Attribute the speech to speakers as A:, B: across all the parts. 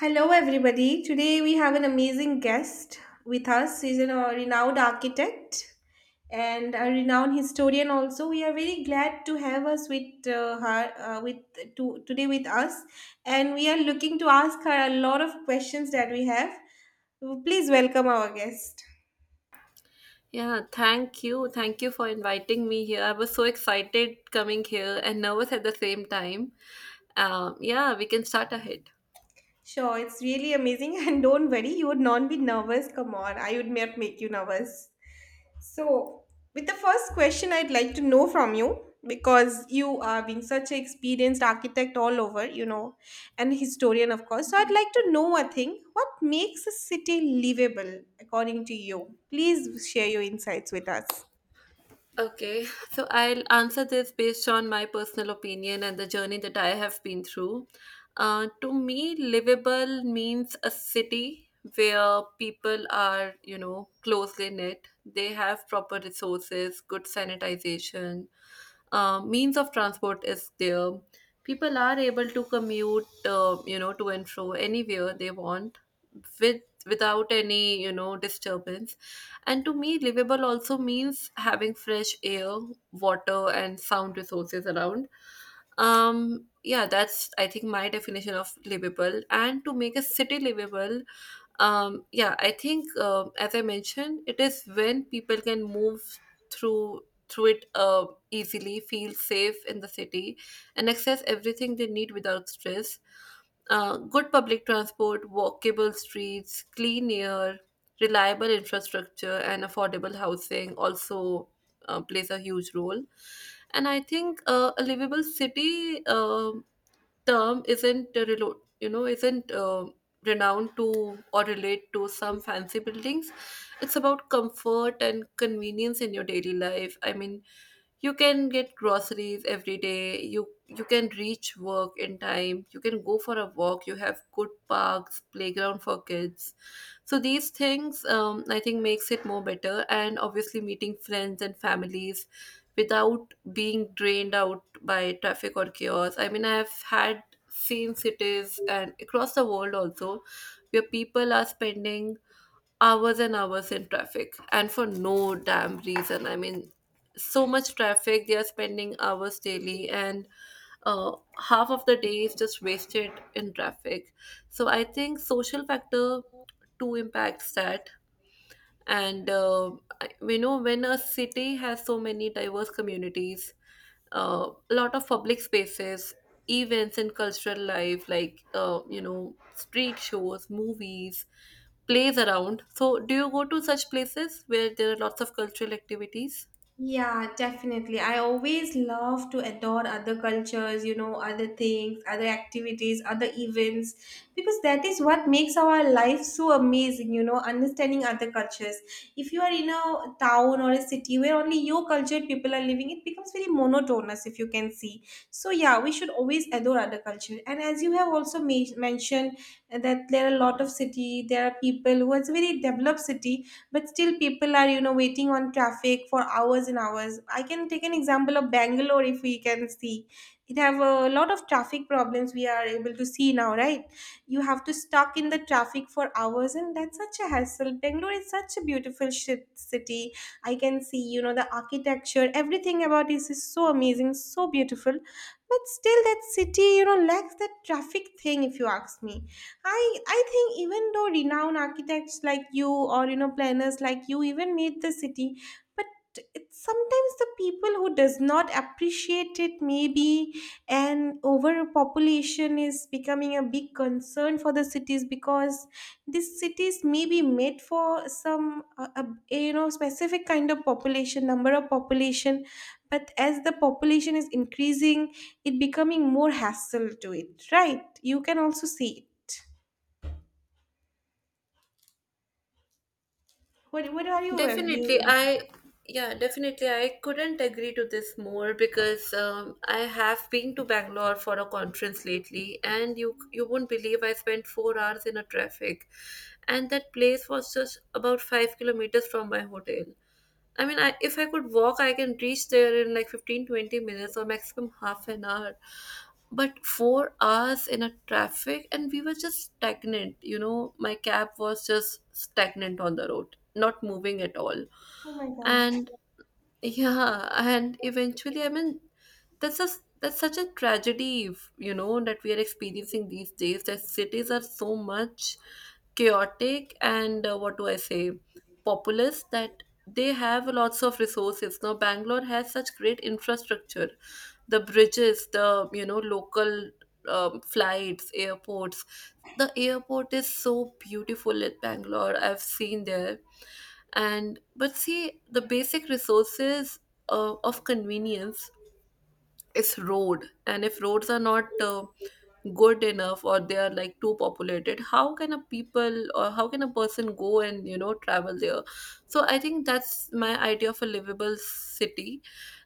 A: Hello, everybody. Today we have an amazing guest with us. He's a renowned architect and a renowned historian. Also, we are very glad to have us with her with to, today with us, and we are looking to ask her a lot of questions that we have. Please welcome our guest.
B: Yeah, thank you. Thank you for inviting me here. I was so excited coming here and nervous at the same time. Yeah, we can start ahead.
A: Sure, it's really amazing, and don't worry, you would not be nervous. Come on, I would not make you nervous. So, with the first question, I'd like to know from you because you are being such an experienced architect all over, you know, and historian, of course. So, I'd like to know a thing, what makes a city livable according to you? Please share your insights with us.
B: Okay, so I'll answer this based on my personal opinion and the journey that I have been through. To me, livable means a city where people are, you know, closely knit. They have proper resources, good sanitization, means of transport is there. People are able to commute, you know, to and fro anywhere they want without any, you know, disturbance, and to me, livable also means having fresh air, water, and sound resources around. Yeah, that's I think my definition of livable. And to make a city livable, yeah, I think as I mentioned, it is when people can move through through it easily, feel safe in the city, and access everything they need without stress, good public transport, walkable streets, clean air, reliable infrastructure and affordable housing also plays a huge role. And I think a livable city term isn't renowned to or relate to some fancy buildings. It's about comfort and convenience in your daily life. I mean, you can get groceries every day, you can reach work in time, you can go for a walk, you have good parks, playground for kids. So these things, I think, makes it more better, and obviously meeting friends and families without being drained out by traffic or chaos. I mean, I have had seen cities and across the world also, where people are spending hours and hours in traffic and for no damn reason. I mean, so much traffic, they are spending hours daily and uh, half of the day is just wasted in traffic. So I think social factor too impacts that. And we know, when a city has so many diverse communities, a lot of public spaces, events and cultural life like, you know, street shows, movies, plays around. So do you go to such places where there are lots of cultural activities?
A: Yeah, definitely. I always love to adore other cultures, you know, other things, other activities, other events, because that is what makes our life so amazing, you know, understanding other cultures. If you are in a town or a city where only your cultured people are living, it becomes very monotonous, if you can see. So, yeah, we should always adore other culture. And as you have also mentioned, that there are a lot of city, there are people who are very developed city, but still people are, you know, waiting on traffic for hours and hours. I can take an example of Bangalore, if we can see it have a lot of traffic problems, we are able to see now, right? You have to stuck in the traffic for hours, and that's such a hassle. Bangalore is such a beautiful shit city, I can see, you know, the architecture, everything about this is so amazing, so beautiful, but still that city, you know, lacks that traffic thing, if you ask me. I think even though renowned architects like you, or you know, planners like you even made the city, but it's sometimes the people who does not appreciate it maybe, and overpopulation is becoming a big concern for the cities, because these cities may be made for some you know, specific kind of population, number of population, but as the population is increasing, it becoming more hassle to it, right? You can also see it. What are you have?
B: Definitely, I Yeah, definitely, I couldn't agree to this more, because I have been to Bangalore for a conference lately, and you won't believe I spent 4 hours in a traffic, and that place was just about 5 kilometers from my hotel. I mean, if I could walk, I can reach there in like 15, 20 minutes or maximum half an hour. But 4 hours in a traffic, and we were just stagnant. You know, my cab was just stagnant on the road, not moving at all.
A: Oh my god.
B: And yeah, and eventually, I mean, that's such a tragedy, you know, that we are experiencing these days. That cities are so much chaotic and, what do I say, populous, that they have lots of resources. Now, Bangalore has such great infrastructure, the bridges, the, you know, local, flights, airports. The airport is so beautiful at Bangalore. I've seen there. And but see, the basic resources of convenience is road, and if roads are not good enough or they are like too populated, how can a people or how can a person go and, you know, travel there. So I think that's my idea of a livable city,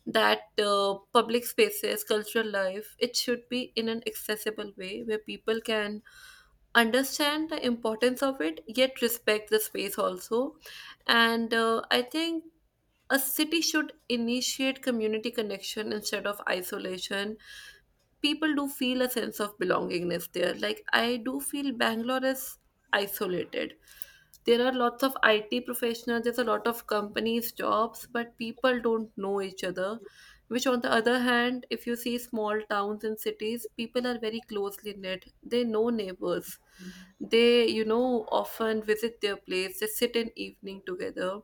B: that public spaces, cultural life, it should be in an accessible way where people can understand the importance of it yet respect the space also. And I think a city should initiate community connection instead of isolation. People do feel a sense of belongingness there. Like, I do feel Bangalore is isolated. There are lots of IT professionals, there's a lot of companies, jobs, but people don't know each other. Which, on the other hand, if you see small towns and cities, people are very closely knit. They know neighbors. They, you know, often visit their place, they sit in evening together,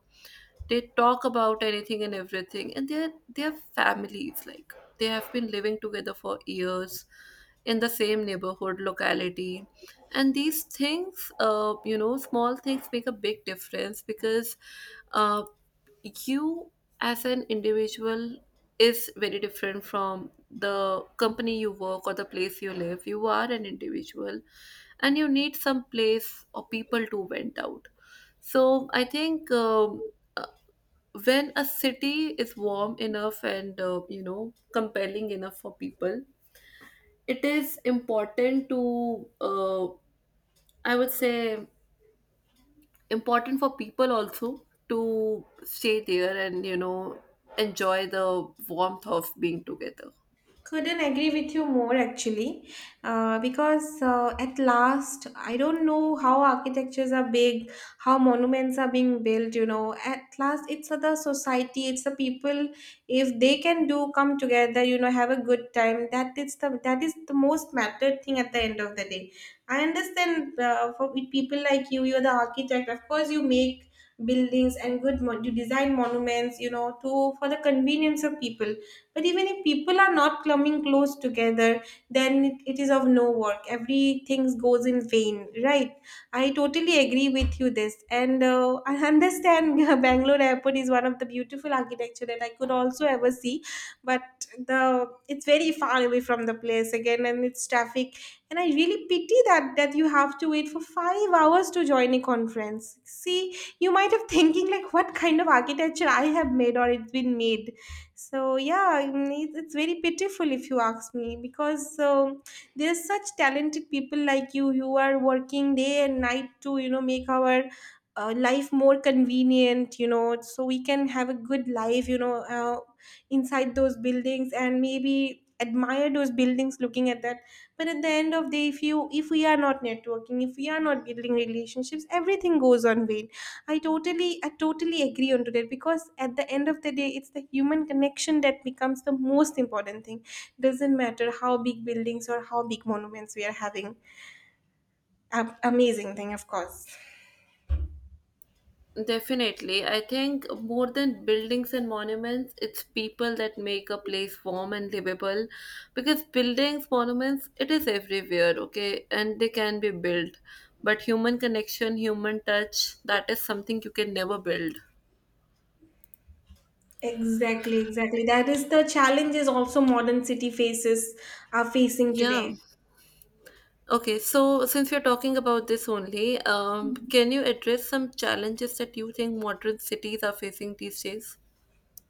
B: they talk about anything and everything, and they're families, like they have been living together for years in the same neighborhood locality. And these things, you know, small things make a big difference, because uh, you, as an individual, is very different from the company you work or the place you live. You are an individual, and you need some place or people to vent out. So I think, when a city is warm enough and, you know, compelling enough for people, it is important to, I would say, important for people also to stay there and, you know, enjoy the warmth of being together.
A: Couldn't agree with you more actually, because at last, I don't know how architectures are big, how monuments are being built, you know. At last, it's the society, it's the people. If they can do come together, you know, have a good time. That is the, that is the most mattered thing at the end of the day. I understand, for with people like you, you're the architect. Of course, you make buildings and good you design monuments, you know, to for the convenience of people, but even if people are not coming close together, then it is of no work. Everything goes in vain, right? I totally agree with you this, and I understand. Bangalore Airport is one of the beautiful architecture that I could also ever see, but the it's very far away from the place again, and it's traffic. And I really pity that that you have to wait for 5 hours to join a conference. See, you might have thinking like, what kind of architecture I have made, or it's been made. So yeah, it's very pitiful if you ask me, because there's such talented people like you. You are working day and night to, you know, make our life more convenient, you know, so we can have a good life, you know, inside those buildings, and maybe admire those buildings looking at that, but at the end of the day, if you, if we are not networking, if we are not building relationships, everything goes on vain. I totally agree on to that, because at the end of the day, it's the human connection that becomes the most important thing. Doesn't matter how big buildings or how big monuments we are having. Amazing thing, of course.
B: Definitely. I think more than buildings and monuments, it's people that make a place warm and livable. Because buildings, monuments, it is everywhere, okay? And they can be built. But human connection, human touch, that is something you can never build.
A: Exactly, exactly. That is the challenges also modern city faces are facing
B: Yeah.
A: today.
B: Okay, so since you're talking about this only, can you address some challenges that you think modern cities are facing these days?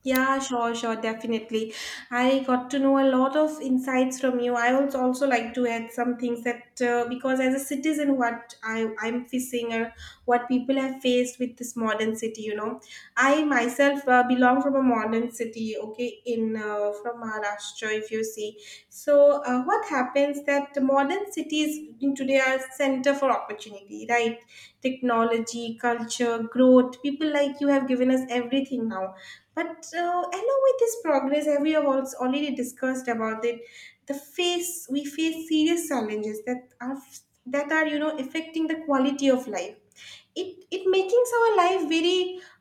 A: Yeah, sure, sure, definitely. I got to know a lot of insights from you. I would also like to add some things that, because as a citizen, what I'm facing, or what people have faced with this modern city, you know, I myself belong from a modern city. Okay, in from Maharashtra, if you see. So, what happens that modern cities in today are center for opportunity, right? Technology, culture, growth. People like you have given us everything now. But along with this progress, as we have also already discussed about it, the face we face serious challenges that are, you know, affecting the quality of life. It making our life very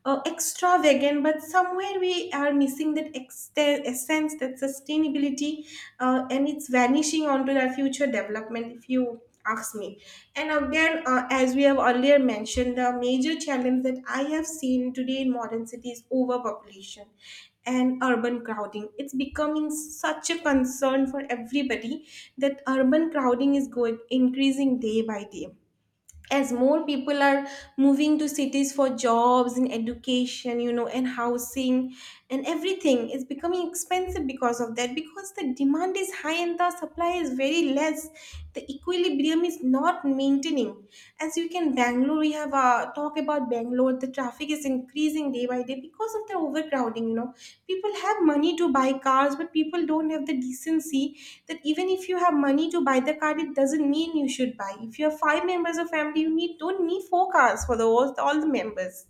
A: extravagant, but somewhere we are missing that essence, that sustainability, and it's vanishing onto our future development, if you ask me. And again, as we have earlier mentioned, the major challenge that I have seen today in modern cities, overpopulation and urban crowding, it's becoming such a concern for everybody. That urban crowding is going increasing day by day, as more people are moving to cities for jobs and education, you know, and housing, and everything is becoming expensive because of that, because the demand is high and the supply is very less. The equilibrium is not maintaining, as you can Bangalore, we have a talk about Bangalore, the traffic is increasing day by day because of the overcrowding. You know, people have money to buy cars, but people don't have the decency, that even if you have money to buy the car, it doesn't mean you should buy. If you have five members of family, you need don't need four cars for all the members.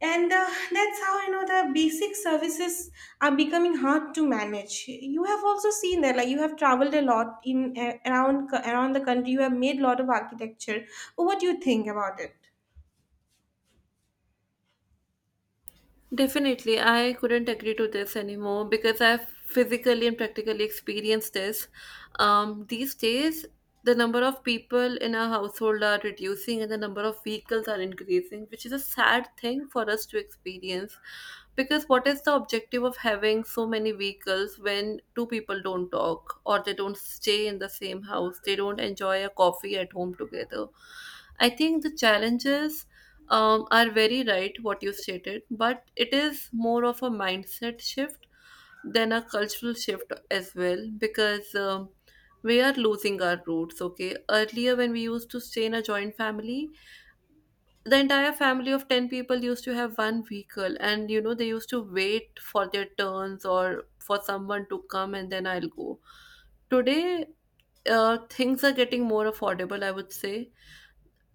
A: And that's how, you know, the basic services are becoming hard to manage. You have also seen that, like you have traveled a lot in around the country. You have made a lot of architecture. What do you think about it?
B: Definitely, I couldn't agree to this anymore, because I've physically and practically experienced this. These days, the number of people in a household are reducing and the number of vehicles are increasing, which is a sad thing for us to experience. Because what is the objective of having so many vehicles when two people don't talk or they don't stay in the same house, they don't enjoy a coffee at home together? I think the challenges, are very right what you stated, but it is more of a mindset shift than a cultural shift as well, because, we are losing our roots. Okay, earlier, when we used to stay in a joint family, the entire family of 10 people used to have one vehicle, and you know, they used to wait for their turns or for someone to come and then I'll go. Today, things are getting more affordable, I would say.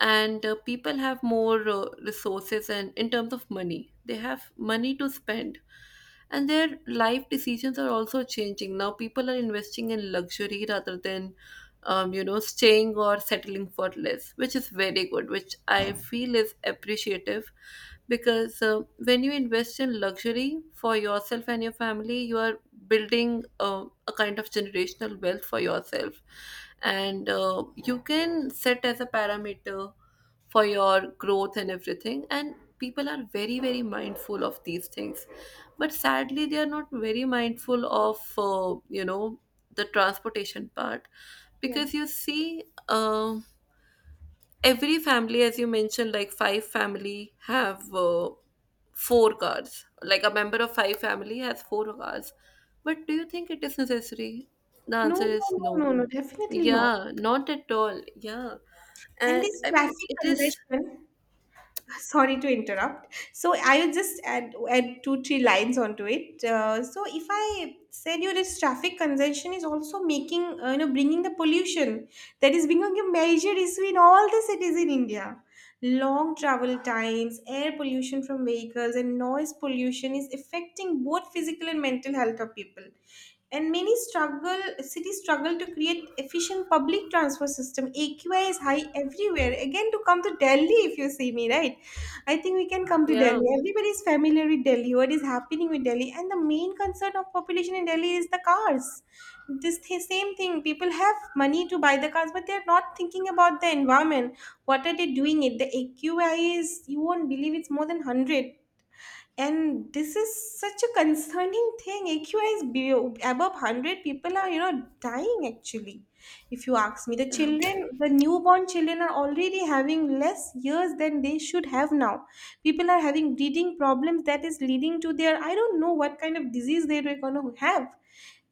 B: And people have more resources, and in terms of money, they have money to spend. And their life decisions are also changing. Now people are investing in luxury rather than, you know, staying or settling for less, which is very good, which I feel is appreciative. Because when you invest in luxury for yourself and your family, you are building a kind of generational wealth for yourself. And you can set as a parameter for your growth and everything. And people are very, very mindful of these things, but sadly they are not very mindful of, you know, the transportation part. Because
A: Yes.
B: you see, every family, as you mentioned, like five family have four cars, like a member of five family has four cars. But do you think it is necessary? The
A: No,
B: answer
A: no,
B: is
A: no,
B: no.
A: no, no, definitely not.
B: Yeah, not at all, yeah.
A: And
B: And
A: this
B: I mean,
A: traffic
B: it is.
A: congestion, sorry to interrupt, so I will just add 2 3 lines onto it, so if I said you, this traffic congestion is also making, you know, bringing the pollution that is becoming a major issue in all the cities in India. Long travel times, air pollution from vehicles and noise pollution is affecting both physical and mental health of people, and many struggle, cities struggle to create efficient public transport system. AQI is high everywhere, again to come to Delhi, if you see me, right? I think we can come to
B: Yeah,
A: Delhi. Everybody is familiar with Delhi, what is happening with Delhi. And the main concern of population in Delhi is the cars. This same thing, people have money to buy the cars, but they're not thinking about the environment. What are they doing it? The AQI is, you won't believe it's more than 100, and this is such a concerning thing. AQI above 100, people are, you know, dying actually, if you ask me. The
B: yeah.
A: children, the newborn children are already having less years than they should have now. People are having breathing problems, that is leading to their, I don't know what kind of disease they were going to have.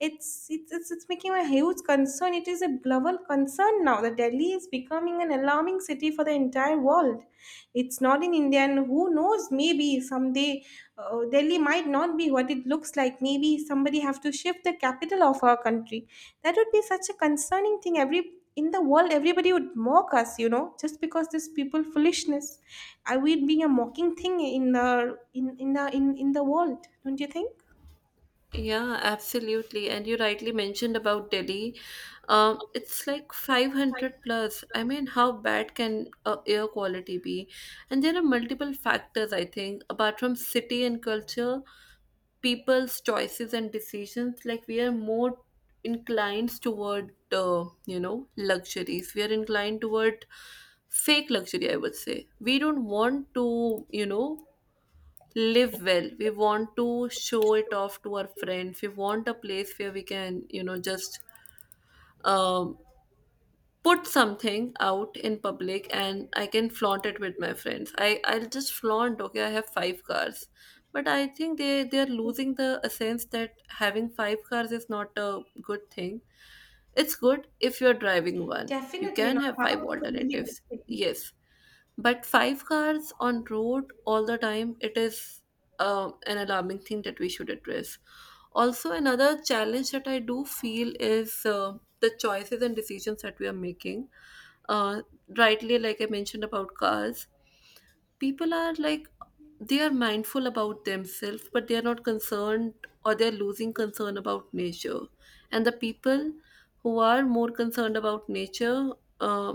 A: It's it's making a huge concern. It is a global concern now. The Delhi is becoming an alarming city for the entire world. It's not in India, and who knows? Maybe someday, Delhi might not be what it looks like. Maybe somebody have to shift the capital of our country. That would be such a concerning thing. Every in the world, everybody would mock us, you know, just because this people foolishness. Are we being a mocking thing in in the world? Don't you think?
B: Yeah, absolutely. And you rightly mentioned about Delhi. It's like 500 plus. I mean, how bad can air quality be? And there are multiple factors, I think, apart from city and culture, people's choices and decisions. Like, we are more inclined toward, you know, luxuries. We are inclined toward fake luxury, I would say. We don't want to, you know, live well. We want to show it off to our friends. We want a place where we can, you know, just, um, put something out in public, and I can flaunt it with my friends. I'll just flaunt, okay, I have five cars. But I think they are losing the sense that having five cars is not a good thing. It's good if you're driving one. You
A: Definitely
B: can
A: not.
B: have five
A: How could be
B: alternatives.
A: the same?
B: Yes. But five cars on road all the time, it is an alarming thing that we should address. Also, another challenge that I do feel is, the choices and decisions that we are making, uh, rightly like I mentioned about cars. People are like, they are mindful about themselves, but they are not concerned, or they're losing concern about nature. And the people who are more concerned about nature, uh,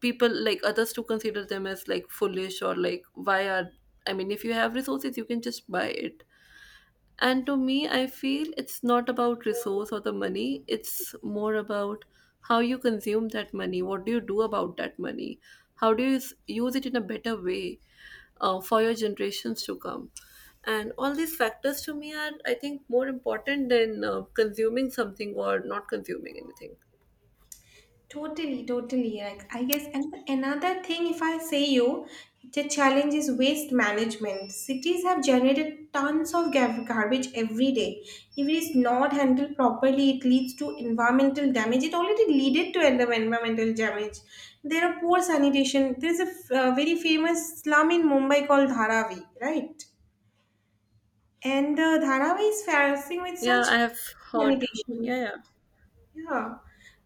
B: people like others to consider them as like foolish, or like, why are, I mean, if you have resources you can just buy it. And to me, I feel it's not about resource or the money. It's more about how you consume that money. What do you do about that money? How do you use it in a better way, for your generations to come? And all these factors to me are, I think, more important than, consuming something or not consuming anything.
A: Totally, totally. Like I guess, and another thing, if I say you, the challenge is waste management. Cities have generated tons of garbage every day. If it is not handled properly, it leads to environmental damage. It already leaded to end up environmental damage. There are poor sanitation. There is a very famous slum in Mumbai called Dharavi, right? And Dharavi is facing with
B: Yeah,
A: such
B: I have heard. Yeah,
A: sanitation.
B: yeah.
A: Yeah,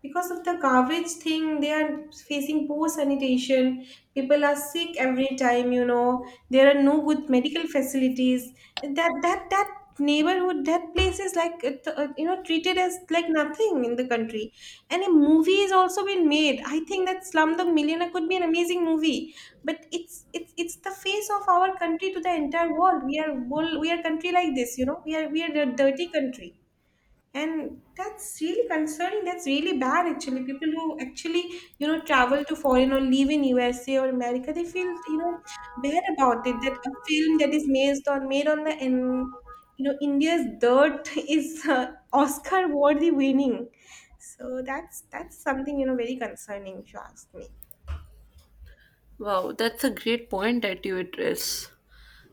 A: because of the garbage thing, they are facing poor sanitation. People are sick every time, you know. There are no good medical facilities. That neighborhood, that place is like it, you know, treated as like nothing in the country. And a movie is also been made. I think that Slumdog Millionaire could be an amazing movie, but it's the face of our country to the entire world. We are world, we are country like this. We are a dirty country. And that's really concerning. That's really bad actually. People who actually, travel to foreign or live in USA or America, they feel, bad about it. That a film that is made on the in you know, India's dirt is Oscar worthy winning. So that's something, very concerning if you ask me.
B: Wow, that's a great point that you address.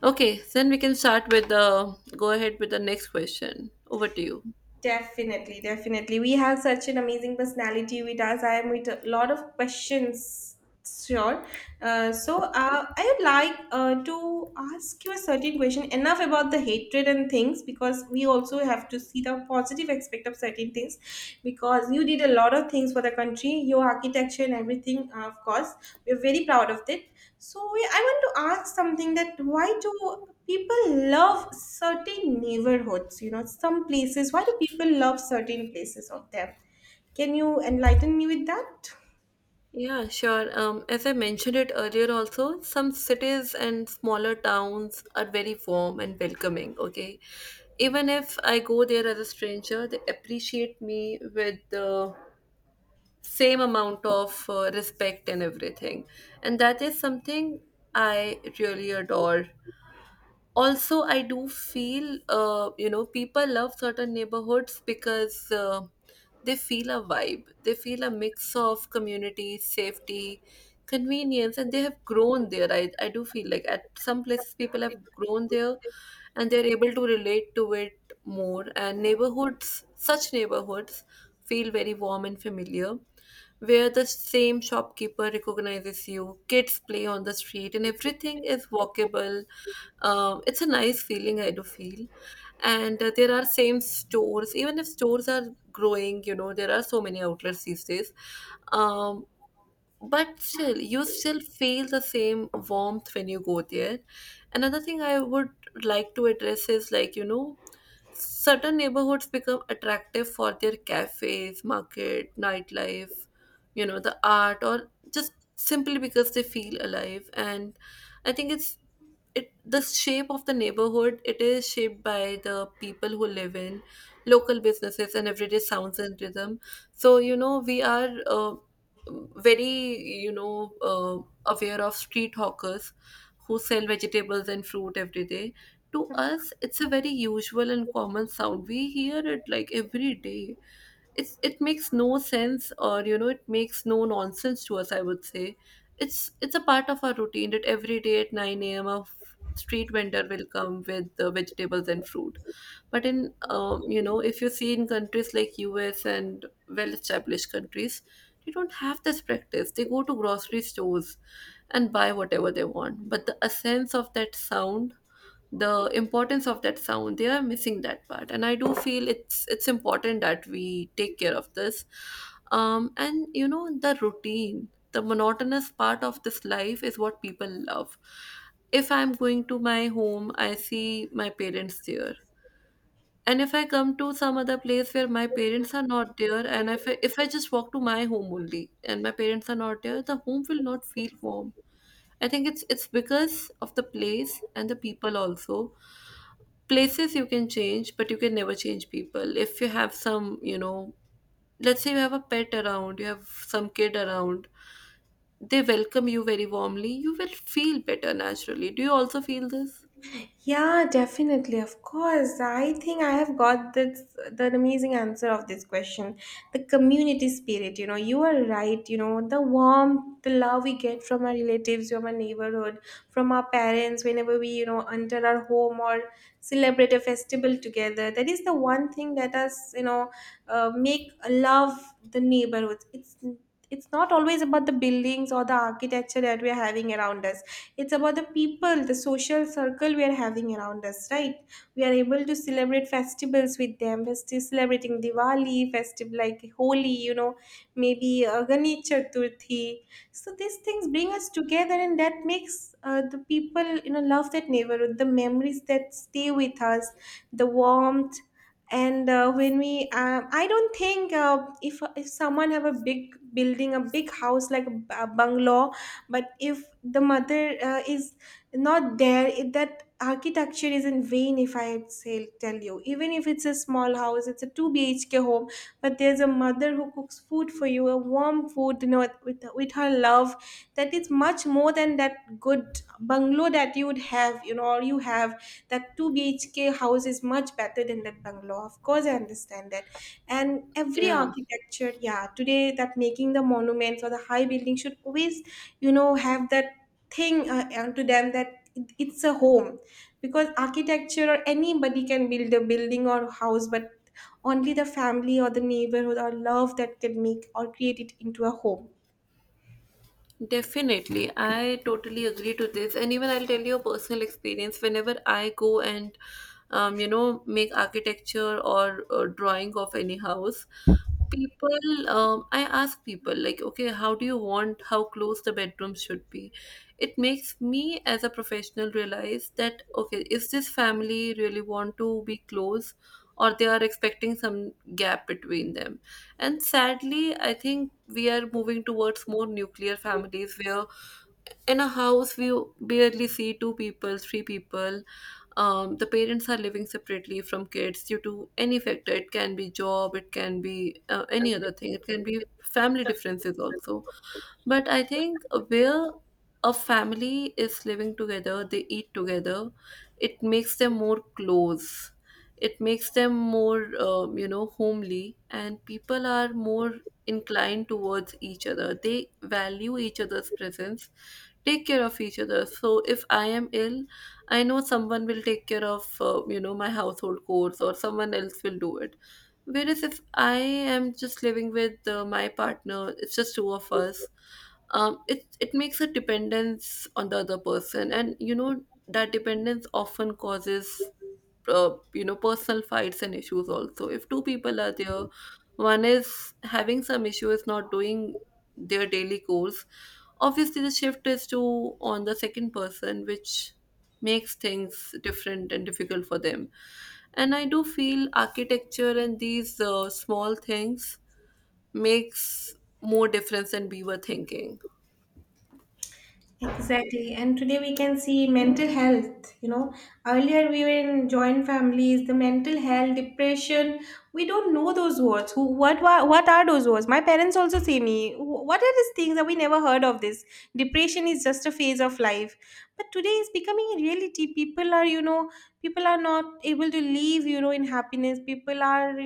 B: Okay, then we can start with the go ahead with the next question. Over to you.
A: Definitely, definitely. We have such an amazing personality with us. I am with a lot of questions. Sure. So I would like to ask you a certain question. Enough about the hatred and things, because we also have to see the positive aspect of certain things. Because you did a lot of things for the country, your architecture and everything. Of course, we're very proud of it. So I want to ask something, that why do people love certain neighborhoods, some places, why do people love certain places of them? Can you enlighten me with that?
B: Yeah, sure. As I mentioned it earlier, also, some cities and smaller towns are very warm and welcoming, okay? Even if I go there as a stranger, they appreciate me with the same amount of respect and everything. And that is something I really adore. Also, I do feel, people love certain neighborhoods because they feel a vibe. They feel a mix of community, safety, convenience, and they have grown there. I do feel like at some places people have grown there and they're able to relate to it more. And such neighborhoods feel very warm and familiar, where the same shopkeeper recognizes you, kids play on the street, and everything is walkable. It's a nice feeling, I do feel. And there are same stores, even if stores are growing, you know, there are so many outlets these days. Um, but still, you still feel the same warmth when you go there. Another thing I would like to address is, like, you know, certain neighborhoods become attractive for their cafes, market, nightlife, you know, the art, or just simply because they feel alive. And I think it's it the shape of the neighborhood, it is shaped by the people who live in, local businesses and everyday sounds and rhythm. So, you know, we are very, you know, aware of street hawkers who sell vegetables and fruit every day. To us, it's a very usual and common sound. We hear it like every day. It's it makes no sense, or, you know, it makes no nonsense to us, I would say. It's a part of our routine that every day at 9 a.m. Street vendor will come with the vegetables and fruit. But in, you know, if you see in countries like US and well established countries, they don't have this practice. They go to grocery stores and buy whatever they want. But the essence of that sound, the importance of that sound, they are missing that part. And I do feel it's important that we take care of this. And, you know, the routine, the monotonous part of this life is what people love. If I'm going to my home, I see my parents there. And if I come to some other place where my parents are not there, and if I just walk to my home only and my parents are not there, the home will not feel warm. I think it's because of the place and the people also. Places you can change, but you can never change people. If you have some, you know, let's say you have a pet around, you have some kid around, they welcome you very warmly. You will feel better naturally. Do you also feel this?
A: Yeah, definitely. Of course. I think I have got this the amazing answer of this question. The community spirit, you are right, the warmth, the love we get from our relatives, from our neighborhood, from our parents, whenever we enter our home or celebrate a festival together. That is the one thing that us make love the neighborhoods. It's not always about the buildings or the architecture that we are having around us. It's about the people, the social circle we are having around us, right? We are able to celebrate festivals with them. We're still celebrating Diwali, festive like Holi, maybe Ganesh Chaturthi. So these things bring us together, and that makes the people, love that neighborhood, the memories that stay with us, the warmth. And when we I don't think if someone have a big building, a big house like a bungalow, but if the mother is not there, that architecture is in vain, if I say tell you. Even if it's a small house, it's a 2 bhk home, but there's a mother who cooks food for you, a warm food, with her love, that is much more than that good bungalow that you would have, or you have. That 2 bhk house is much better than that bungalow. Of course I understand that. And every
B: Yeah.
A: architecture, yeah, today that making the monuments or the high building should always have that thing onto them, that it's a home. Because architecture or anybody can build a building or house, but only the family or the neighborhood or love that can make or create it into a home.
B: Definitely, I totally agree to this, and even I'll tell you a personal experience. Whenever I go and, you know, make architecture or drawing of any house, I ask people like, okay, how do you want how close the bedroom should be? It makes me as a professional realize that, okay, is this family really want to be close, or they are expecting some gap between them? And sadly, I think we are moving towards more nuclear families where in a house we barely see two people, three people. The parents are living separately from kids due to any factor. It can be job, it can be any other thing, it can be family differences also. But I think where a family is living together, they eat together, it makes them more close. It makes them more you know, homely, and people are more inclined towards each other. They value each other's presence, take care of each other. So if I am ill, I know someone will take care of you know, my household chores, or someone else will do it. Whereas if I am just living with my partner, it's just two of us. It makes a dependence on the other person, and you know, that dependence often causes you know, personal fights and issues also. If two people are there, one is having some issue, is not doing their daily goals, obviously the shift is to on the second person, which makes things different and difficult for them. And I do feel architecture and these small things makes more difference than we were thinking.
A: Exactly. And today we can see mental health. Earlier we were in joint families, the mental health, depression. We don't know those words. Who, what are those words? My parents also say me, What are these things that we never heard of this? Depression is just a phase of life. But today is becoming a reality. People are not able to live, in happiness. People are,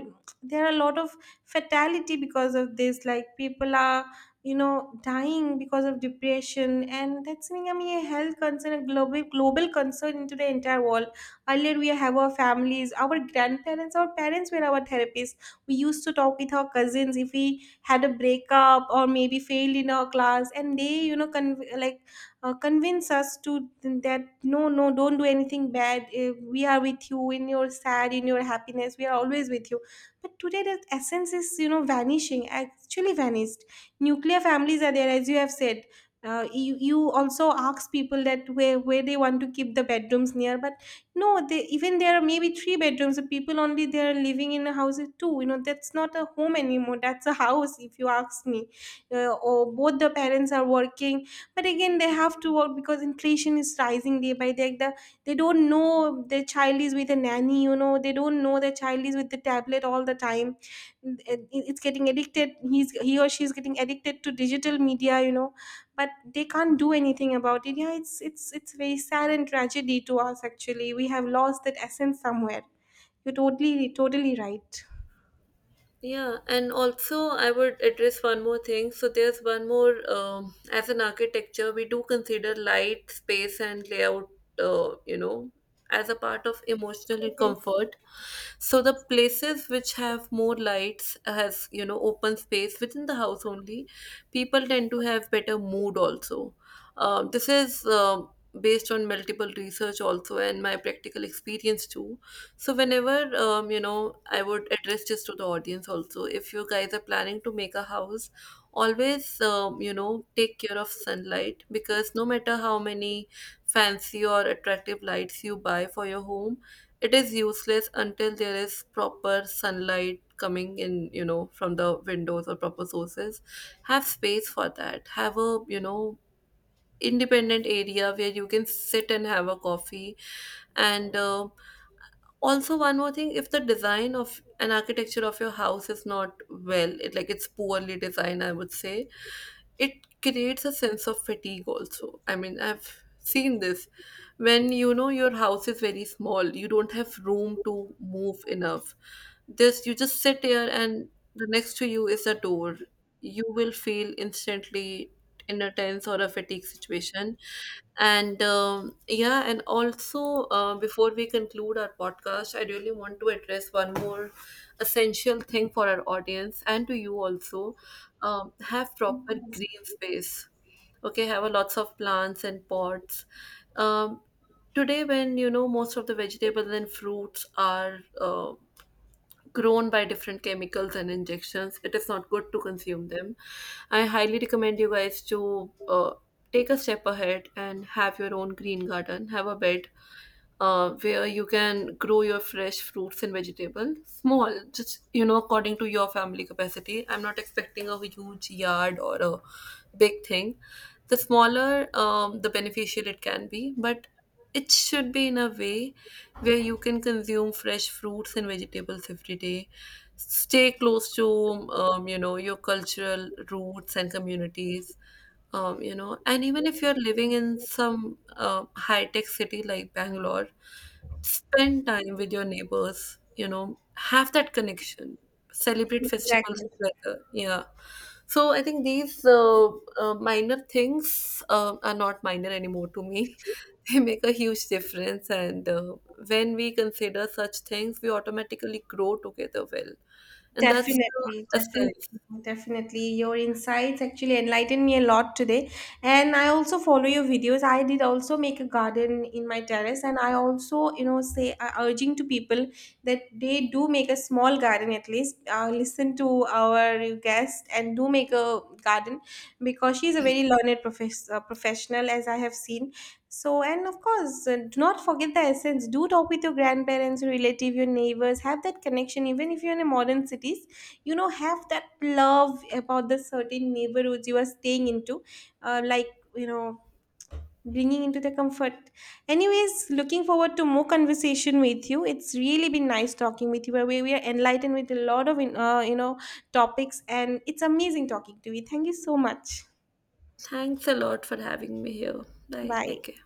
A: there are a lot of fatality because of this. Like people are dying because of depression, and that's becoming a health concern, a global concern into the entire world. Earlier, we have our families, our grandparents, our parents were our therapists. We used to talk with our cousins if we had a breakup or maybe failed in our class, and they, like convince us to that no, no, don't do anything bad. We are with you in your sad, in your happiness. We are always with you. But today, that essence is vanishing, actually vanished. Nuclear families are there, as you have said. You also ask people that where they want to keep the bedrooms near, but no, they even there are maybe three bedrooms, the people only they are living in a house with two. That's not a home anymore, that's a house if you ask me. Or both the parents are working, but again they have to work because inflation is rising day by day. They don't know their child is with a nanny, they don't know their child is with the tablet all the time. It's getting addicted. He or she is getting addicted to digital media, but they can't do anything about it. Yeah, it's very sad and tragedy to us. Actually we have lost that essence somewhere. You're totally right.
B: Yeah, and also I would address one more thing. So there's one more, as an architecture, we do consider light, space, and layout, uh, you know, as a part of emotional and comfort. So the places which have more lights, has, you know, open space within the house only, people tend to have better mood also. This is based on multiple research also and my practical experience too. So whenever you know, I would address this to the audience also. If you guys are planning to make a house, always, you know, take care of sunlight, because no matter how many fancy or attractive lights you buy for your home, it is useless until there is proper sunlight coming in. You know, from the windows or proper sources. Have space for that. Have a, you know, independent area where you can sit and have a coffee. And also one more thing, if the design of an architecture of your house is not well, it like it's poorly designed, I would say, it creates a sense of fatigue also. I mean, I've seen this. When, you know, your house is very small, you don't have room to move enough. This You just sit here and the next to you is a door, you will feel instantly in a tense or a fatigue situation. And yeah. And also, before we conclude our podcast, I really want to address one more essential thing for our audience and to you also. Have proper
A: Yes.
B: green space. Okay, have a lots of plants and pots. um, Today, when, you know, most of the vegetables and fruits are grown by different chemicals and injections, it is not good to consume them. I highly recommend you guys to take a step ahead and have your own green garden. Have a bed where you can grow your fresh fruits and vegetables. Small, just, you know, according to your family capacity. I'm not expecting a huge yard or a big thing. The smaller, the beneficial it can be, but it should be in a way where you can consume fresh fruits and vegetables every day. Stay close to, you know, your cultural roots and communities. You know, and even if you're living in some high-tech city like Bangalore, spend time with your neighbors, you know, have that connection, celebrate festivals
A: Exactly.
B: together. Yeah. So I think these minor things are not minor anymore to me. They make a huge difference, and when we consider such things, we automatically grow together well. And that's the
A: Definitely,
B: essence.
A: definitely, definitely. Your insights actually enlightened me a lot today. And I also follow your videos. I did also make a garden in my terrace, and I also, say urging to people that they do make a small garden at least. Listen to our guest and do make a garden, because she's a very learned professional, as I have seen. So, and of course, do not forget the essence. Do talk with your grandparents, your relative, your neighbors. Have that connection. Even if you're in a modern cities, have that love about the certain neighborhoods you are staying into, like you know, bringing into the comfort. Anyways, looking forward to more conversation with you. It's really been nice talking with you. Where we are enlightened with a lot of topics, and it's amazing talking to you. Thank you so much.
B: Thanks a lot for having me here. Bye.
A: Bye.
B: Take care.